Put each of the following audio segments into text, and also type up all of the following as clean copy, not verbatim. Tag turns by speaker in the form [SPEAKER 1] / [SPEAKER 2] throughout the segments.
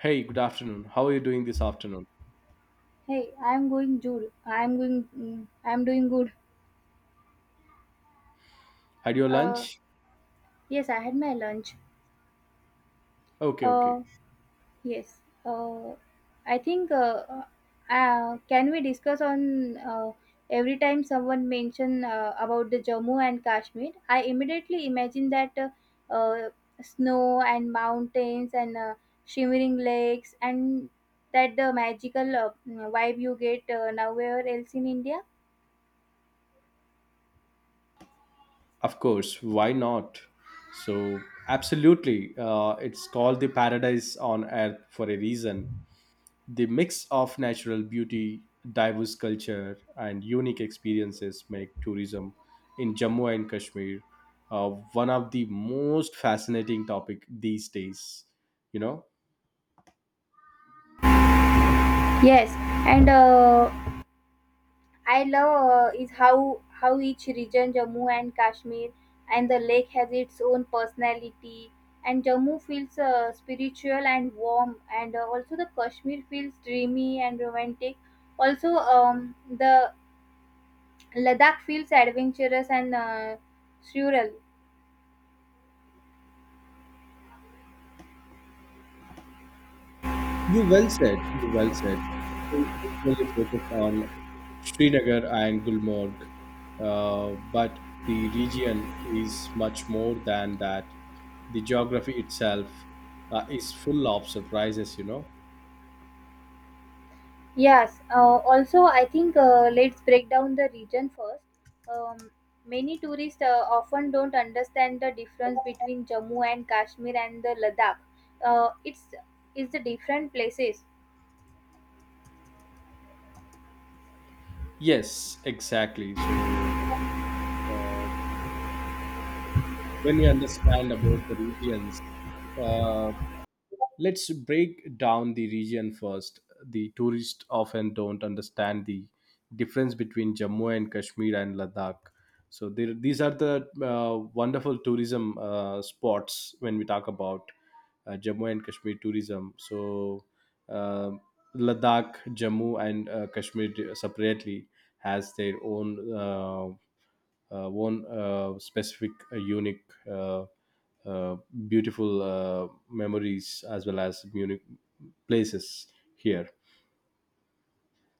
[SPEAKER 1] Hey, good afternoon. How are you doing this afternoon?
[SPEAKER 2] Hey, I'm going good. I'm going. I'm doing good.
[SPEAKER 1] Had your
[SPEAKER 2] Uh,
[SPEAKER 1] lunch?
[SPEAKER 2] yes, I had my lunch.
[SPEAKER 1] Okay, okay.
[SPEAKER 2] Uh, yes. Uh, I think. Can we discuss on every time someone mention about the Jammu and Kashmir? I immediately imagine that uh, snow and mountains and shimmering lakes and that the magical vibe you get nowhere else in India.
[SPEAKER 1] Of course, why not? So, absolutely. It's called the paradise on earth for a reason. The mix of natural beauty, diverse culture, and unique experiences make tourism in Jammu and Kashmir one of the most fascinating topic these days. You know,
[SPEAKER 2] Yes, and. I love is how each region, Jammu and Kashmir, and the lake has its own personality. And Jammu feels spiritual and warm, and also the Kashmir feels dreamy and romantic. Also, the Ladakh feels adventurous and surreal.
[SPEAKER 1] You well said. You well said. We usually focus on Srinagar and Gulmarg, but the region is much more than that. The geography itself is full of surprises.
[SPEAKER 2] Yes, also, I think let's break down the region first. Um, Many tourists often don't understand the difference between Jammu and Kashmir and the Ladakh. Uh, it's it's the different places.
[SPEAKER 1] Yes, exactly. So uh, when we understand about the regions, uh, let's break down the region first. The tourists often don't understand the difference between Jammu and Kashmir and Ladakh. So there, these are the wonderful tourism spots when we talk about Jammu and Kashmir tourism. So uh, Ladakh, Jammu, and Kashmir separately has their own one specific unique uh, uh, beautiful memories as well as unique places here.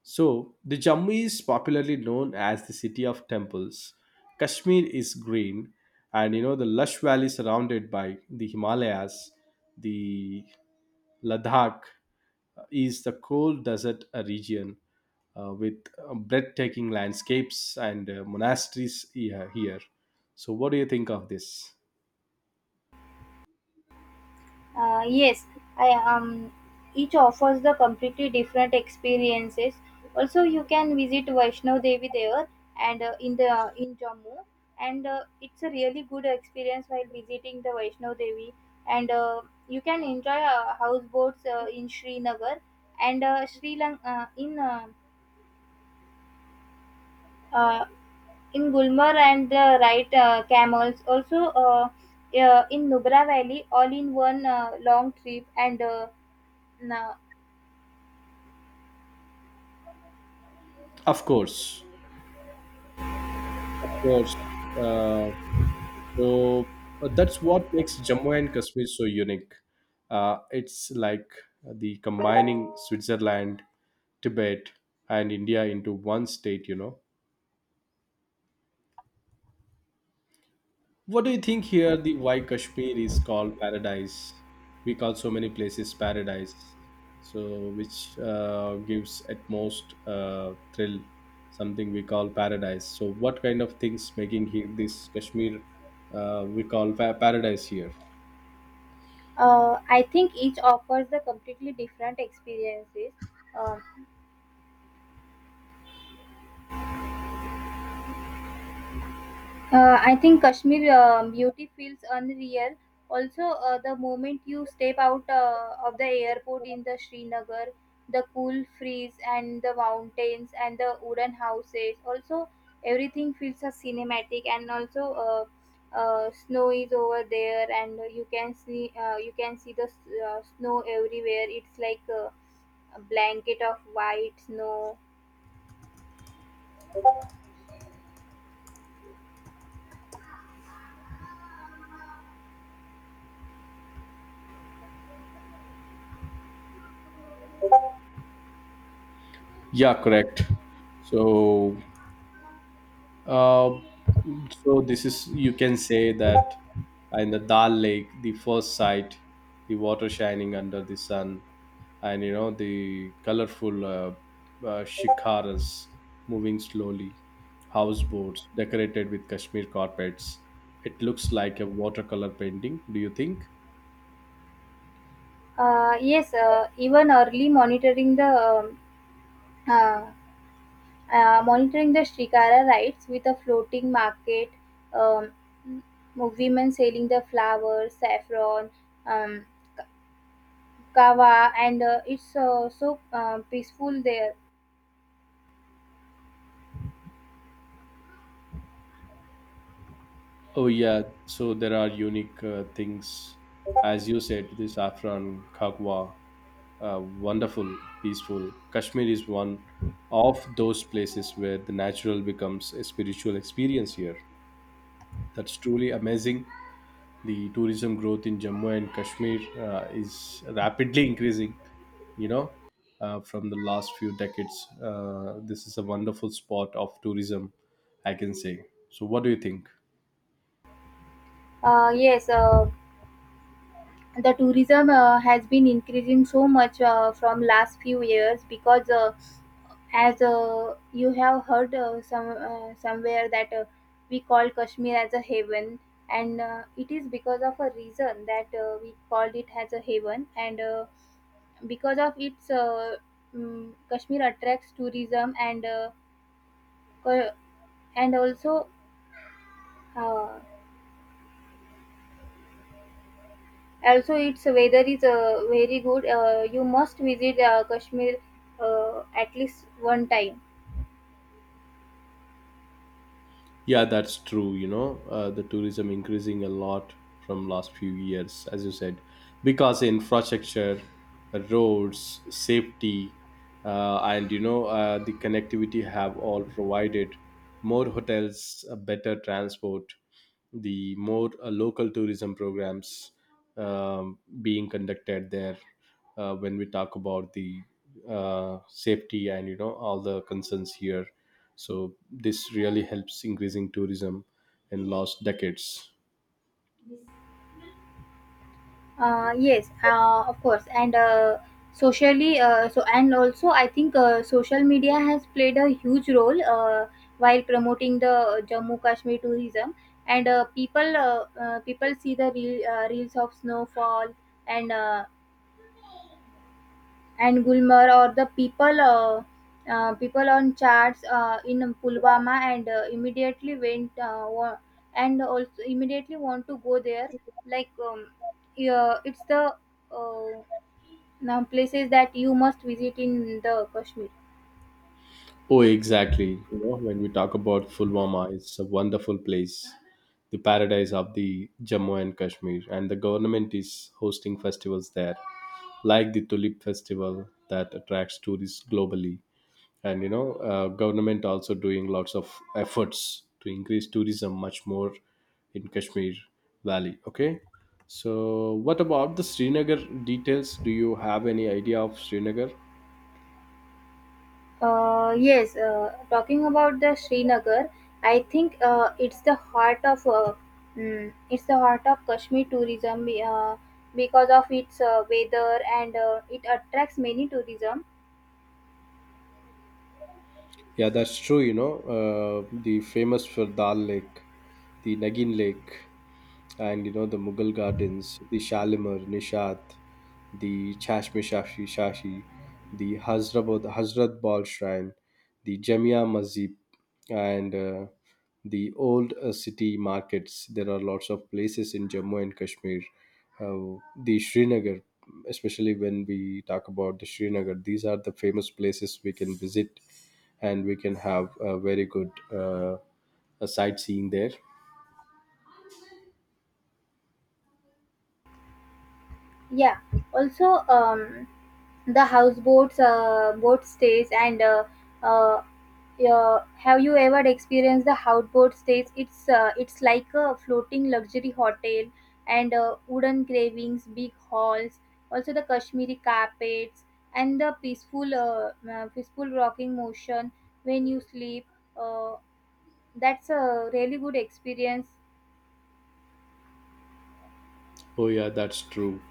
[SPEAKER 1] So, the Jammu is popularly known as the city of temples. Kashmir is green, and the lush valley surrounded by the Himalayas, the Ladakh is the cold desert region with breathtaking landscapes and monasteries here. So, what do you think of this?
[SPEAKER 2] Yes, I each offers the completely different experiences. Also, you can visit Vaishno Devi there and in the in Jammu, and it's a really good experience while visiting the Vaishno Devi. And you can enjoy houseboats in Srinagar and Sri Lanka uh, in Gulmarg and the right camels. Also, in Nubra Valley, all in one long trip and. Uh,
[SPEAKER 1] Of course. Of course. Uh, so that's what makes Jammu and Kashmir so unique. It's like the combining Switzerland, Tibet, and India into one state. What do you think here the why Kashmir is called paradise? We call so many places paradise, so which gives at most thrill, something we call paradise. So what kind of things making here this Kashmir we call paradise here?
[SPEAKER 2] I think each offers the completely different experiences. Um, I think Kashmir beauty feels unreal. Also, the moment you step out of the airport in the Srinagar, the cool breeze and the mountains and the wooden houses. Also, everything feels a cinematic. And also, snow is over there, and you can see snow everywhere. It's like a blanket of white snow.
[SPEAKER 1] Yeah, correct. So Uh, so this is you can say that in the Dal Lake, the first sight, the water shining under the sun, and the colorful shikaras moving slowly, houseboats decorated with Kashmir carpets. It looks like a watercolor painting. Do you think?
[SPEAKER 2] Yes, even early uh, monitoring the Shikara rites with a floating market, um, women selling the flowers, saffron, um, kava, and it's so peaceful there.
[SPEAKER 1] Oh yeah, so there are unique things, as you said, the saffron, khagwa, wonderful, peaceful. Kashmir is one of those places where the natural becomes a spiritual experience here. That's truly amazing. The tourism growth in Jammu and Kashmir is rapidly increasing, you know, from the last few decades. This is a wonderful spot of tourism, I can say. So, what do you think?
[SPEAKER 2] Yes, the tourism has been increasing so much from last few years because as you have heard somewhere that we call Kashmir as a heaven and it is because of a reason that we called it as a heaven and because of its Kashmir attracts tourism and co- and also uh, also its weather is very good. You must visit Kashmir at least one time.
[SPEAKER 1] Yeah, that's true. The tourism increasing a lot from last few years, as you said, because infrastructure, roads, safety, and the connectivity have all provided more hotels, better transport, the more local tourism programs being conducted there when we talk about the safety and all the concerns here, so this really helps increasing tourism in last decades.
[SPEAKER 2] Yes, of course, and socially so and also I think social media has played a huge role while promoting the Jammu Kashmir tourism. And people see the real, reels of snowfall and uh, and Gulmarg or the people people on charts in Pulwama and and also immediately want to go there like yeah, it's the uh, now places that you must visit in the Kashmir.
[SPEAKER 1] Oh exactly, when we talk about fulwama, it's a wonderful place, the paradise of the Jammu and Kashmir, and the government is hosting festivals there like the tulip festival that attracts tourists globally. And government also doing lots of efforts to increase tourism much more in Kashmir valley. Okay, so what about the Srinagar details? Do you have any idea of Srinagar?
[SPEAKER 2] Yes, talking about the Srinagar, I think it's the heart of it's the heart of Kashmir tourism because of its weather and it attracts many tourism.
[SPEAKER 1] Yeah, that's true. The famous for Dal Lake, the Nagin Lake, and the Mughal gardens, the Shalimar, Nishat, the Chashme Shashi, the Hazrabad, Hazrat Bal Shrine, the Jamia Masjid, and the old city markets. There are lots of places in Jammu and Kashmir. Uh, the Srinagar, especially when we talk about the Srinagar, these are the famous places we can visit, and we can have a very good a sightseeing there.
[SPEAKER 2] Yeah. Also, the houseboats, boat stays, and uh, have you ever experienced the houseboat stays? It's like a floating luxury hotel, and wooden carvings, big halls, also the Kashmiri carpets, and the peaceful, peaceful rocking motion when you sleep. Uh, that's a really good experience.
[SPEAKER 1] Oh yeah, that's true.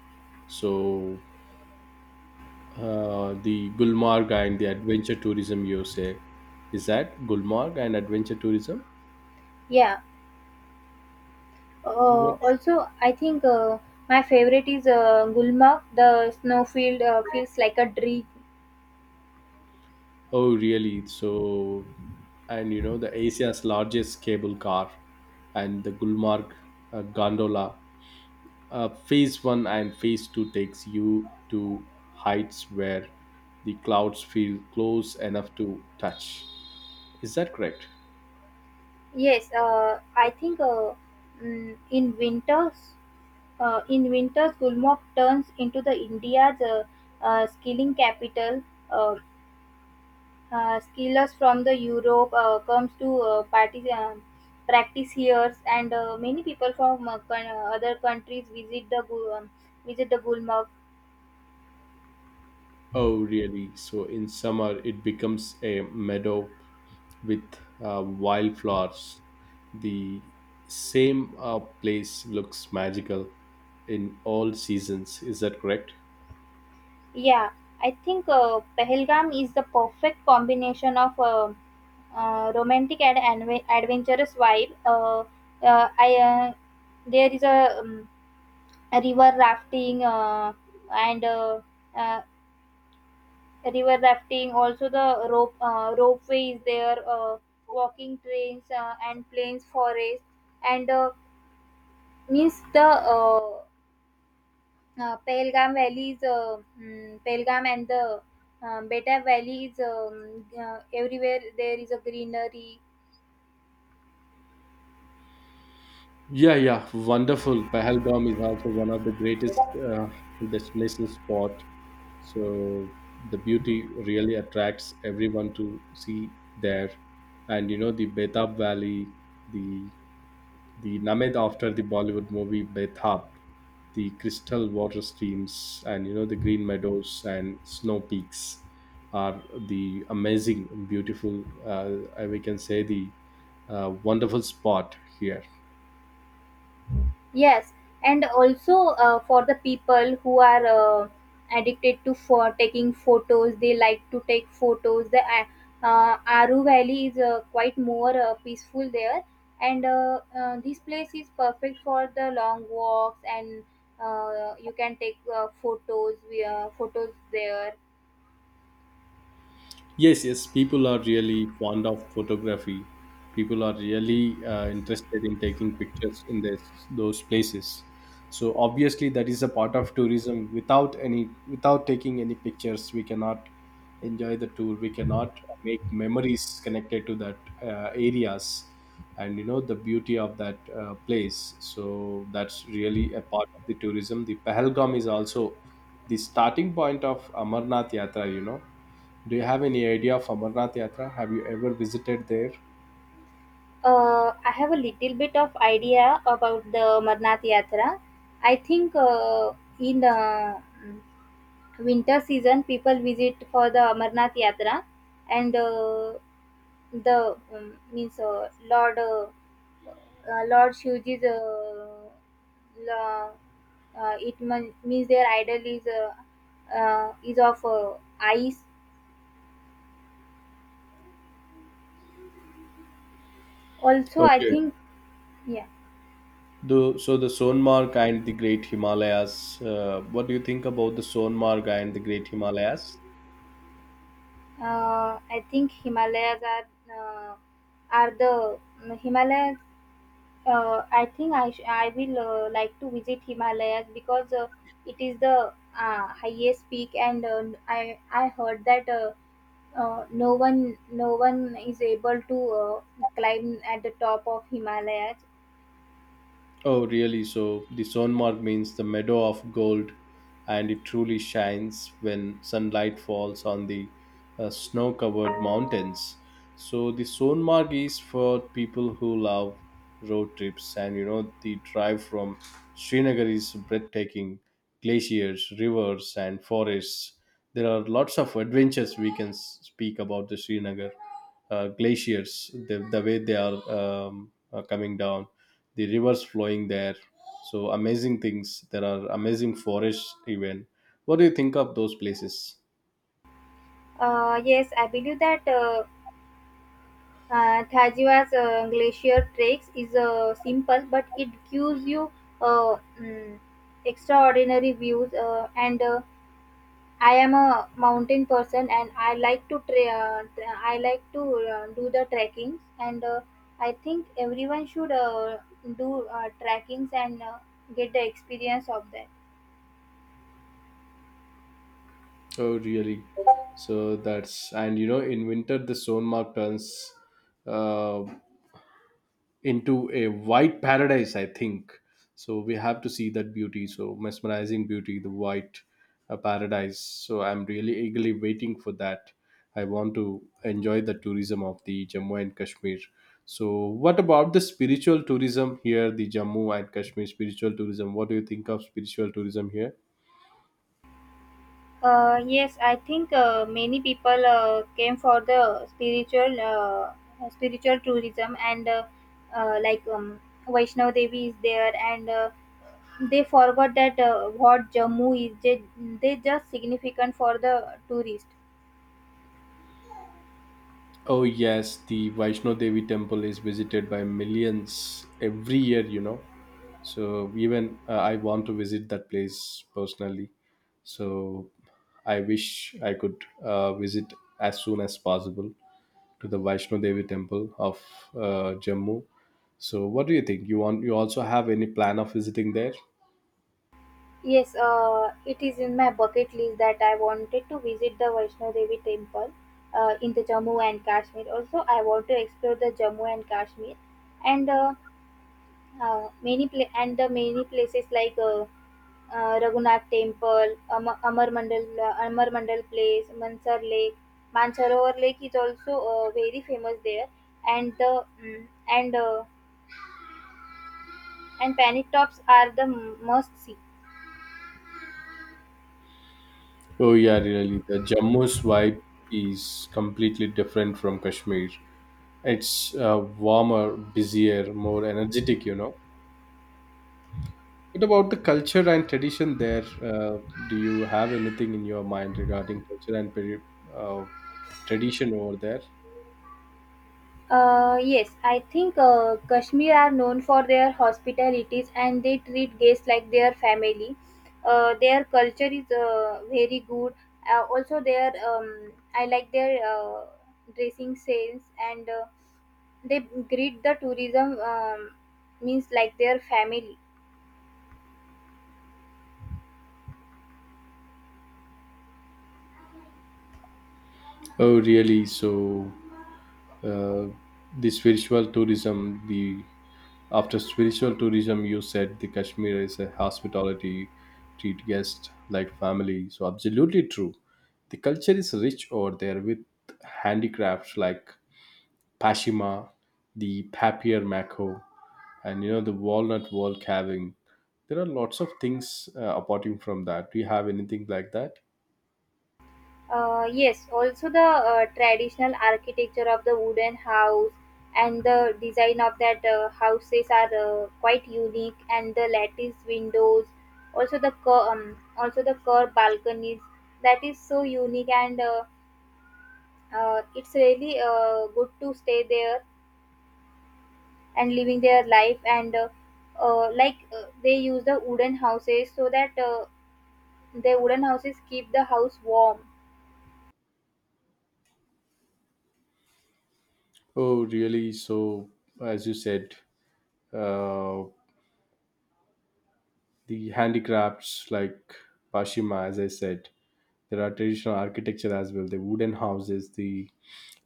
[SPEAKER 1] So the Gulmarg and the adventure tourism, you say? Is that Gulmarg and adventure tourism?
[SPEAKER 2] Yeah.
[SPEAKER 1] What?
[SPEAKER 2] Also, I think my favorite is Gulmarg. The snowfield feels like a dream.
[SPEAKER 1] Oh really? So and you know the Asia's largest cable car and the Gulmarg gondola. Phase one and phase two takes you to heights where the clouds feel close enough to touch. Is that correct?
[SPEAKER 2] Yes, I think mm, in winters, in winters, Gulmarg turns into the India's skilling capital. Uh, skillers from the Europe comes to party, practice here, and many people from other countries visit visit the Gulmarg.
[SPEAKER 1] Oh, really? So in summer, it becomes a meadow with wildflowers. The same place looks magical in all seasons. Is that correct?
[SPEAKER 2] Yeah, I think Pehelgam is the perfect combination of romantic and adventurous vibe. I there is a, a river rafting and uh, river rafting. Also, the ropeway is there. Walking trains and plains forest and means the Pahalgam Valley is Pahalgam and the Betab Valley is everywhere there is a greenery.
[SPEAKER 1] Yeah, yeah, wonderful. Pahalgam is also one of the greatest uh, destination spot. So the beauty really attracts everyone to see there. And you know the Betab Valley, the the named after the Bollywood movie Bethap, the crystal water streams and the green meadows and snow peaks are the amazing, beautiful. We can say the wonderful spot here.
[SPEAKER 2] Yes, and also for the people who are addicted to for taking photos, they like to take photos. The Aru Valley is quite more peaceful there, and this place is perfect for the long walks and you can take photos. We photos there.
[SPEAKER 1] Yes, yes, people are really fond of photography. People are really interested in taking pictures in this, those places. So obviously, that is a part of tourism. Without without taking any pictures, we cannot enjoy the tour. We cannot make memories connected to that areas, and the beauty of that place. So that's really a part of the tourism. The Pahalgam is also the starting point of Amarnath Yatra. Do you have any idea of Amarnath Yatra? Have you ever visited there?
[SPEAKER 2] I have a little bit of idea about the Amarnath Yatra. I think in winter season people visit for the Amarnath Yatra, and the means Lord Shivji's la- means their idol is of ice. Also, I
[SPEAKER 1] Okay.
[SPEAKER 2] think yeah.
[SPEAKER 1] So the Sonmarg and the Great Himalayas. What do you think about the Sonmarg and the Great Himalayas?
[SPEAKER 2] I think Himalayas uh, are the Himalayas. I think I will like to visit Himalayas because it is the highest peak, and I heard that no one is able to uh, climb at the top of Himalayas.
[SPEAKER 1] Oh, really? So the Sonmark means the meadow of gold, and it truly shines when sunlight falls on the snow covered mountains. So the Sonmark is for people who love road trips, and the drive from Srinagar is breathtaking: glaciers, rivers, and forests. There are lots of adventures we can speak about the Srinagar glaciers, the way they are coming down, the rivers flowing there, so amazing things. There are amazing forests even. What do you think of those places?
[SPEAKER 2] Yes, I believe that. Tajiwa's glacier treks is simple, but it gives you uh, mm, extraordinary views. And I am a mountain person, and I like to I like to do the trekkings, and I think everyone should do trekkings and get the experience of that.
[SPEAKER 1] Oh, really? So that's, and you know in winter the Sonmark turns uh, into a white paradise, I think. So we have to see that beauty, so mesmerizing beauty, the white paradise. So I'm really eagerly waiting for that. I want to enjoy the tourism of the Jammu and Kashmir. So what about the spiritual tourism here, the Jammu and Kashmir spiritual tourism? What do you think of spiritual tourism here?
[SPEAKER 2] Yes, I think many people came for the spiritual spiritual tourism and like Vaishnav Devi is there and they forgot that what Jammu is they just significant for the tourist.
[SPEAKER 1] Oh yes, the Vaishno Devi temple is visited by millions every year. So even I want to visit that place personally. So I wish I could visit as soon as possible to the Vaishno Devi temple of Jammu. So what do you think? You want, you also have any plan of visiting there?
[SPEAKER 2] Yes, it is in my bucket list that I wanted to visit the Vaishnav Devi temple in the Jammu and Kashmir. Also, I want to explore the Jammu and Kashmir and and the many places like Raghunath Temple, Amar Mandal, Amar Mandal Place, Mansar Lake, Mansarovar Lake is also very famous there, and and Panic Tops are the must see.
[SPEAKER 1] Oh yeah, really. The Jammu's vibe is completely different from Kashmir. It's warmer, busier, more energetic. What about the culture and tradition there? Do you have anything in your mind regarding culture and uh, tradition over there?
[SPEAKER 2] Yes, I think Kashmir are known for their hospitalities and they treat guests like their family. Their culture is very good. Also, their I like their dressing sense and they greet the tourism means like their family.
[SPEAKER 1] Oh, really? So, uh, the spiritual tourism, the after spiritual tourism, you said the Kashmir is a hospitality, treat guests like family. So, absolutely true. The culture is rich over there with handicrafts like Pashima, the papier-mâché, and the walnut wall carving. There are lots of things apart from that. Do you have anything like that?
[SPEAKER 2] Yes, also the traditional architecture of the wooden house and the design of that houses are quite unique, and the lattice windows, also the also the curved balconies that is so unique, and it's really good to stay there and living their life and. Like they use the wooden houses so that the wooden houses keep the house warm.
[SPEAKER 1] Oh, really? So, as you said, uh, the handicrafts like Pashima, as I said, there are traditional architecture as well. The wooden houses, the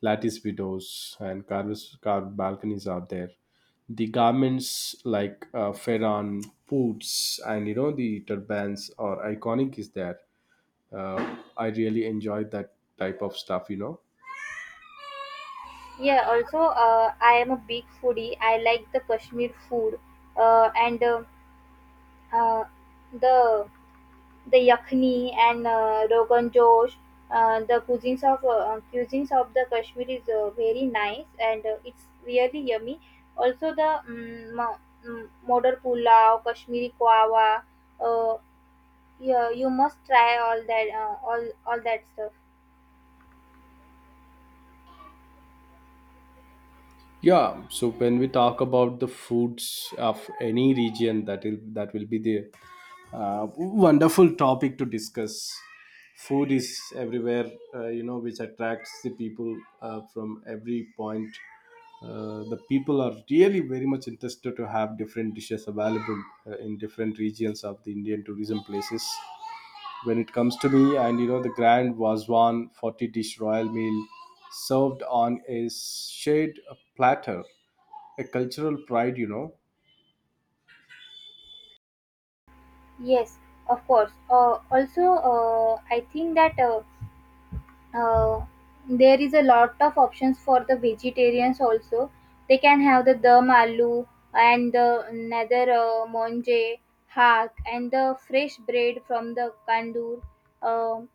[SPEAKER 1] lattice windows, and carved balconies are there. The garments like Ferran, boots, and the turbans are iconic is there. I really enjoyed that type of stuff.
[SPEAKER 2] Yeah, also, I am a big foodie. I like the Kashmir food and uh, the yakhni and rogan josh. The cuisines of the Kashmir is very nice and it's really yummy. Also, the mm, mo- mm, modar pulao, Kashmiri kawa. Uh, yeah, you must try all that all that stuff.
[SPEAKER 1] Yeah, so when we talk about the foods of any region, that will be the uh, wonderful topic to discuss. Food is everywhere, which attracts the people from every point. The people are really very much interested to have different dishes available in different regions of the Indian tourism places. When it comes to me, and the grand wazwan 40 dish royal meal served on a shade platter, a cultural pride.
[SPEAKER 2] Yes, of course. Also, I think that. Uh, there is a lot of options for the vegetarians also. They can have the dum aloo and the nether monje hack and the fresh bread from the kandur. Um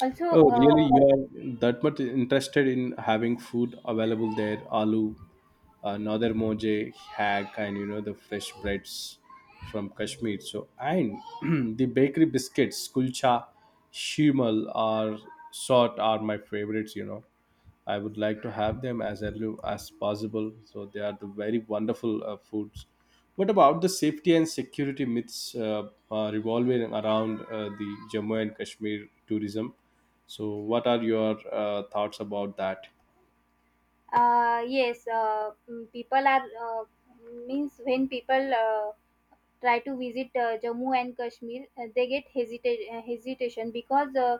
[SPEAKER 2] also,
[SPEAKER 1] Oh really?
[SPEAKER 2] uh,
[SPEAKER 1] You are that much interested in having food available there. Aloo, another moje hack, and the fresh breads from Kashmir. So and the bakery biscuits, kulcha, shimal are are my favorites. I would like to have them as early as possible. So they are the very wonderful foods. What about the safety and security myths revolving around the Jammu and Kashmir tourism? So what are your thoughts about that?
[SPEAKER 2] yes, people are means when people try to visit Jammu and Kashmir, they get hesitation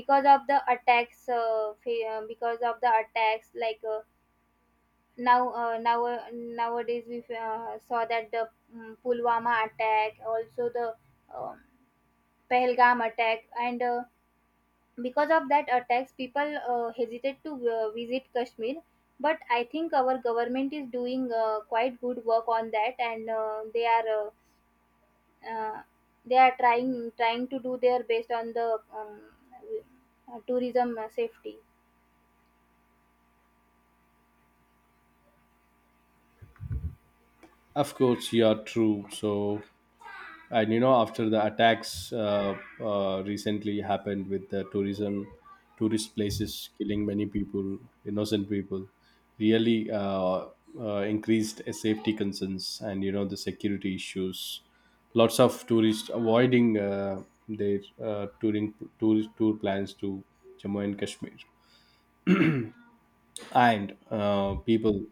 [SPEAKER 2] because of the attacks because of the attacks like. Now nowadays we saw that the Pulwama attack, also the um Pahalgam attack, and because of that attacks, people hesitate to visit Kashmir. But I think our government is doing quite good work on that, and uh, uh, they are trying to do their best on the tourism safety.
[SPEAKER 1] Of course, you are true. So and you know after the attacks recently happened with the tourism tourist places killing many people, innocent people, really increased safety concerns and you know the security issues. Lots of tourists avoiding their tour plans to Jammu and Kashmir, and people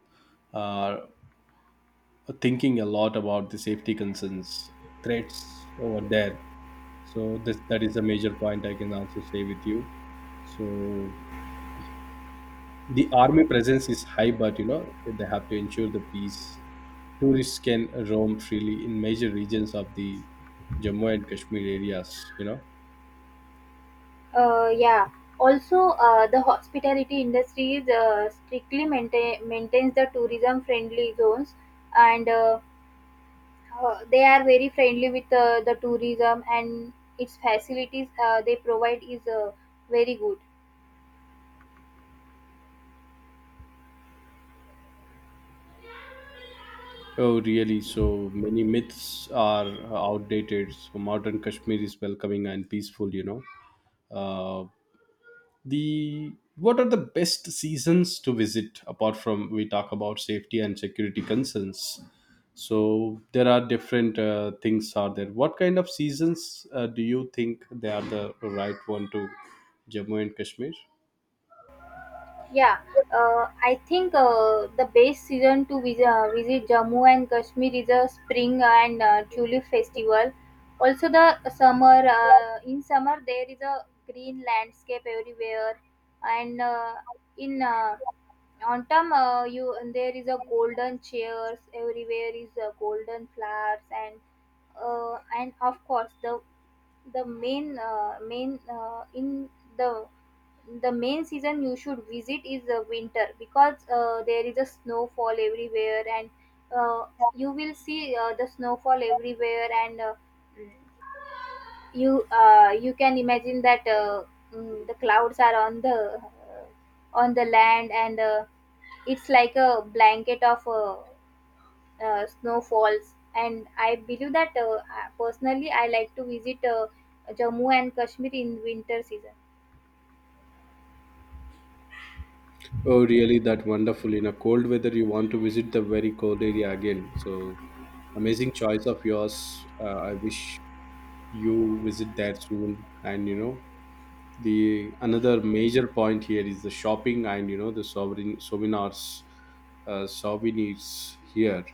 [SPEAKER 1] are thinking a lot about the safety concerns, threats over there. So that is a major point I can also say with you. So the army presence is high, but you know they have to ensure the peace. Tourists can roam freely in major regions of the Jammu and Kashmir areas, you know.
[SPEAKER 2] Yeah. Also, the hospitality industry is strictly maintains the tourism-friendly zones, and they are very friendly with the tourism, and its facilities they provide is very good.
[SPEAKER 1] Oh, really? So many myths are outdated. So modern Kashmir is welcoming and peaceful, you know. Uh, the What are the best seasons to visit, apart from we talk about safety and security concerns? So there are different things are there. What kind of seasons do you think they are the right one to Jammu and Kashmir?
[SPEAKER 2] Yeah, I think the best season to visit, visit Jammu and Kashmir is a spring and tulip festival. Also, the summer in summer there is a green landscape everywhere, and in autumn you there is a golden chairs everywhere is a golden flowers and of course the main main in the the main season you should visit is the winter because there is a snowfall everywhere and uh, you will see the snowfall everywhere and you you can imagine that the clouds are on the land and it's like a blanket of snowfalls and I believe that personally I like to visit Jammu and Kashmir in winter season.
[SPEAKER 1] Oh really, that wonderful! In a cold weather you want to visit the very cold area again, so amazing choice of yours. I wish you visit there soon. And you know the another major point here is the shopping and you know the sovereign souvenirs souvenirs here.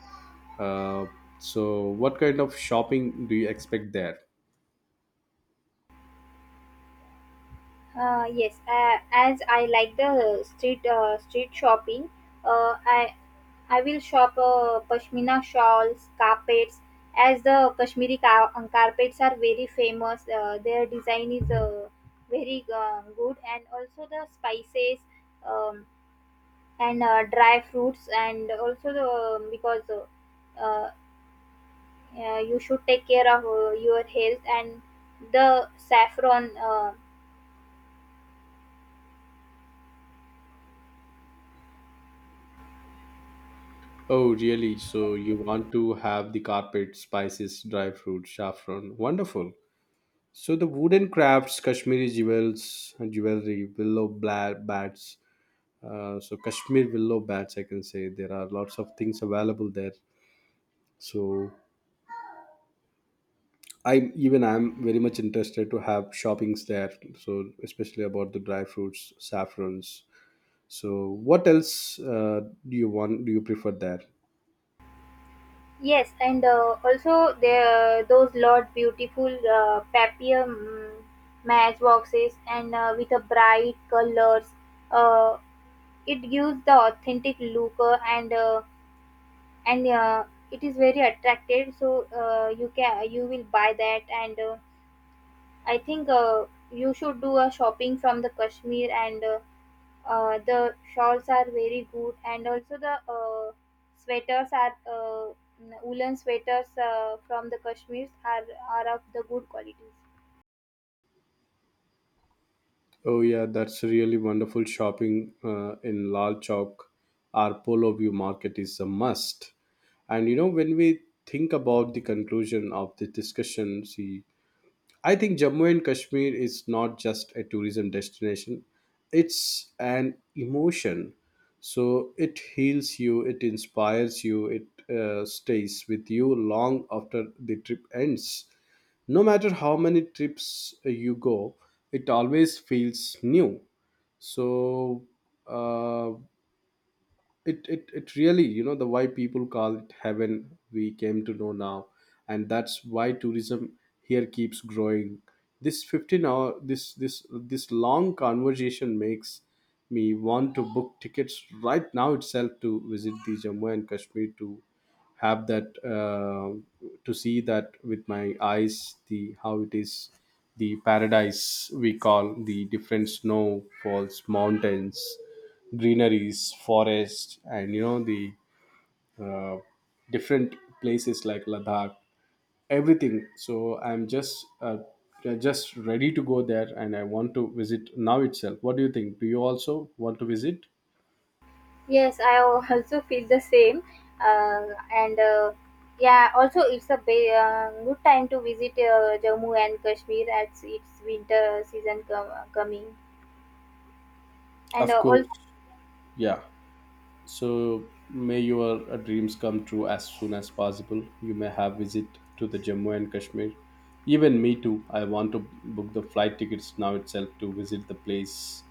[SPEAKER 1] uh, so what kind of shopping do you expect there?
[SPEAKER 2] Yes, as I like the street shopping, uh, i I will shop pashmina shawls, carpets, as the carpets are very famous. Their design is very good, and also the spices um, and dry fruits, and also the, because yeah, you should take care of your health and the saffron.
[SPEAKER 1] Oh really, so you want to have the carpet, spices, dry fruit, saffron. Wonderful. So the wooden crafts, Kashmiri jewels, jewelry, willow bats. So Kashmir willow bats, I can say there are lots of things available there. So I even I'm very much interested to have shoppings there. So especially about the dry fruits, saffrons. So what else do you want? Do you prefer there?
[SPEAKER 2] Yes, and also there those lot beautiful matchboxes and with a bright colors. Uh, it gives the authentic look and it is very attractive. So you can you will buy that and. I think you should do a shopping from the Kashmir and the shawls are very good and also the sweaters are woolen sweaters from the Kashmirs are of the good qualities.
[SPEAKER 1] Oh yeah, that's really wonderful shopping in Lal Chowk. Our Polo View Market is a must. And you know, when we think about the conclusion of the discussion, see, I think Jammu and Kashmir is not just a tourism destination, it's an emotion. So it heals you, it inspires you, it stays with you long after the trip ends. No matter how many trips you go, it always feels new. So, uh, it really, you know, the why people call it heaven, we came to know now. And that's why tourism here keeps growing. This 15 hour, this long conversation makes me want to book tickets right now itself to visit the Jammu and Kashmir, to have that to see that with my eyes, the how it is, the paradise we call. The different snow falls, mountains, greeneries, forest, and you know the uh, different places like Ladakh, everything. So I'm just ready to go there, and I want to visit now itself. What do you think? Do you also want to visit?
[SPEAKER 2] Yes, I also feel the same. And yeah, also it's a good time to visit Jammu and Kashmir as its winter season coming. And
[SPEAKER 1] Of
[SPEAKER 2] all
[SPEAKER 1] course, yeah. So may your dreams come true as soon as possible. You may have visit to the Jammu and Kashmir. Even me too. I want to book the flight tickets now itself to visit the place,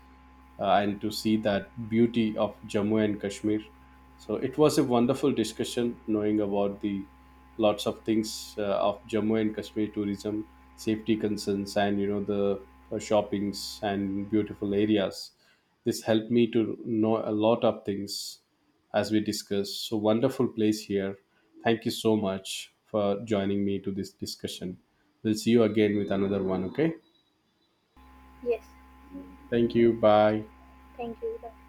[SPEAKER 1] and to see that beauty of Jammu and Kashmir. So it was a wonderful discussion knowing about the lots of things of Jammu and Kashmir tourism, safety concerns, and you know the shoppings and beautiful areas. This helped me to know a lot of things as we discussed. So wonderful place here. Thank you so much for joining me to this discussion. We'll see you again with another one. Okay.
[SPEAKER 2] yes,
[SPEAKER 1] Thank you. Bye.
[SPEAKER 2] thank you.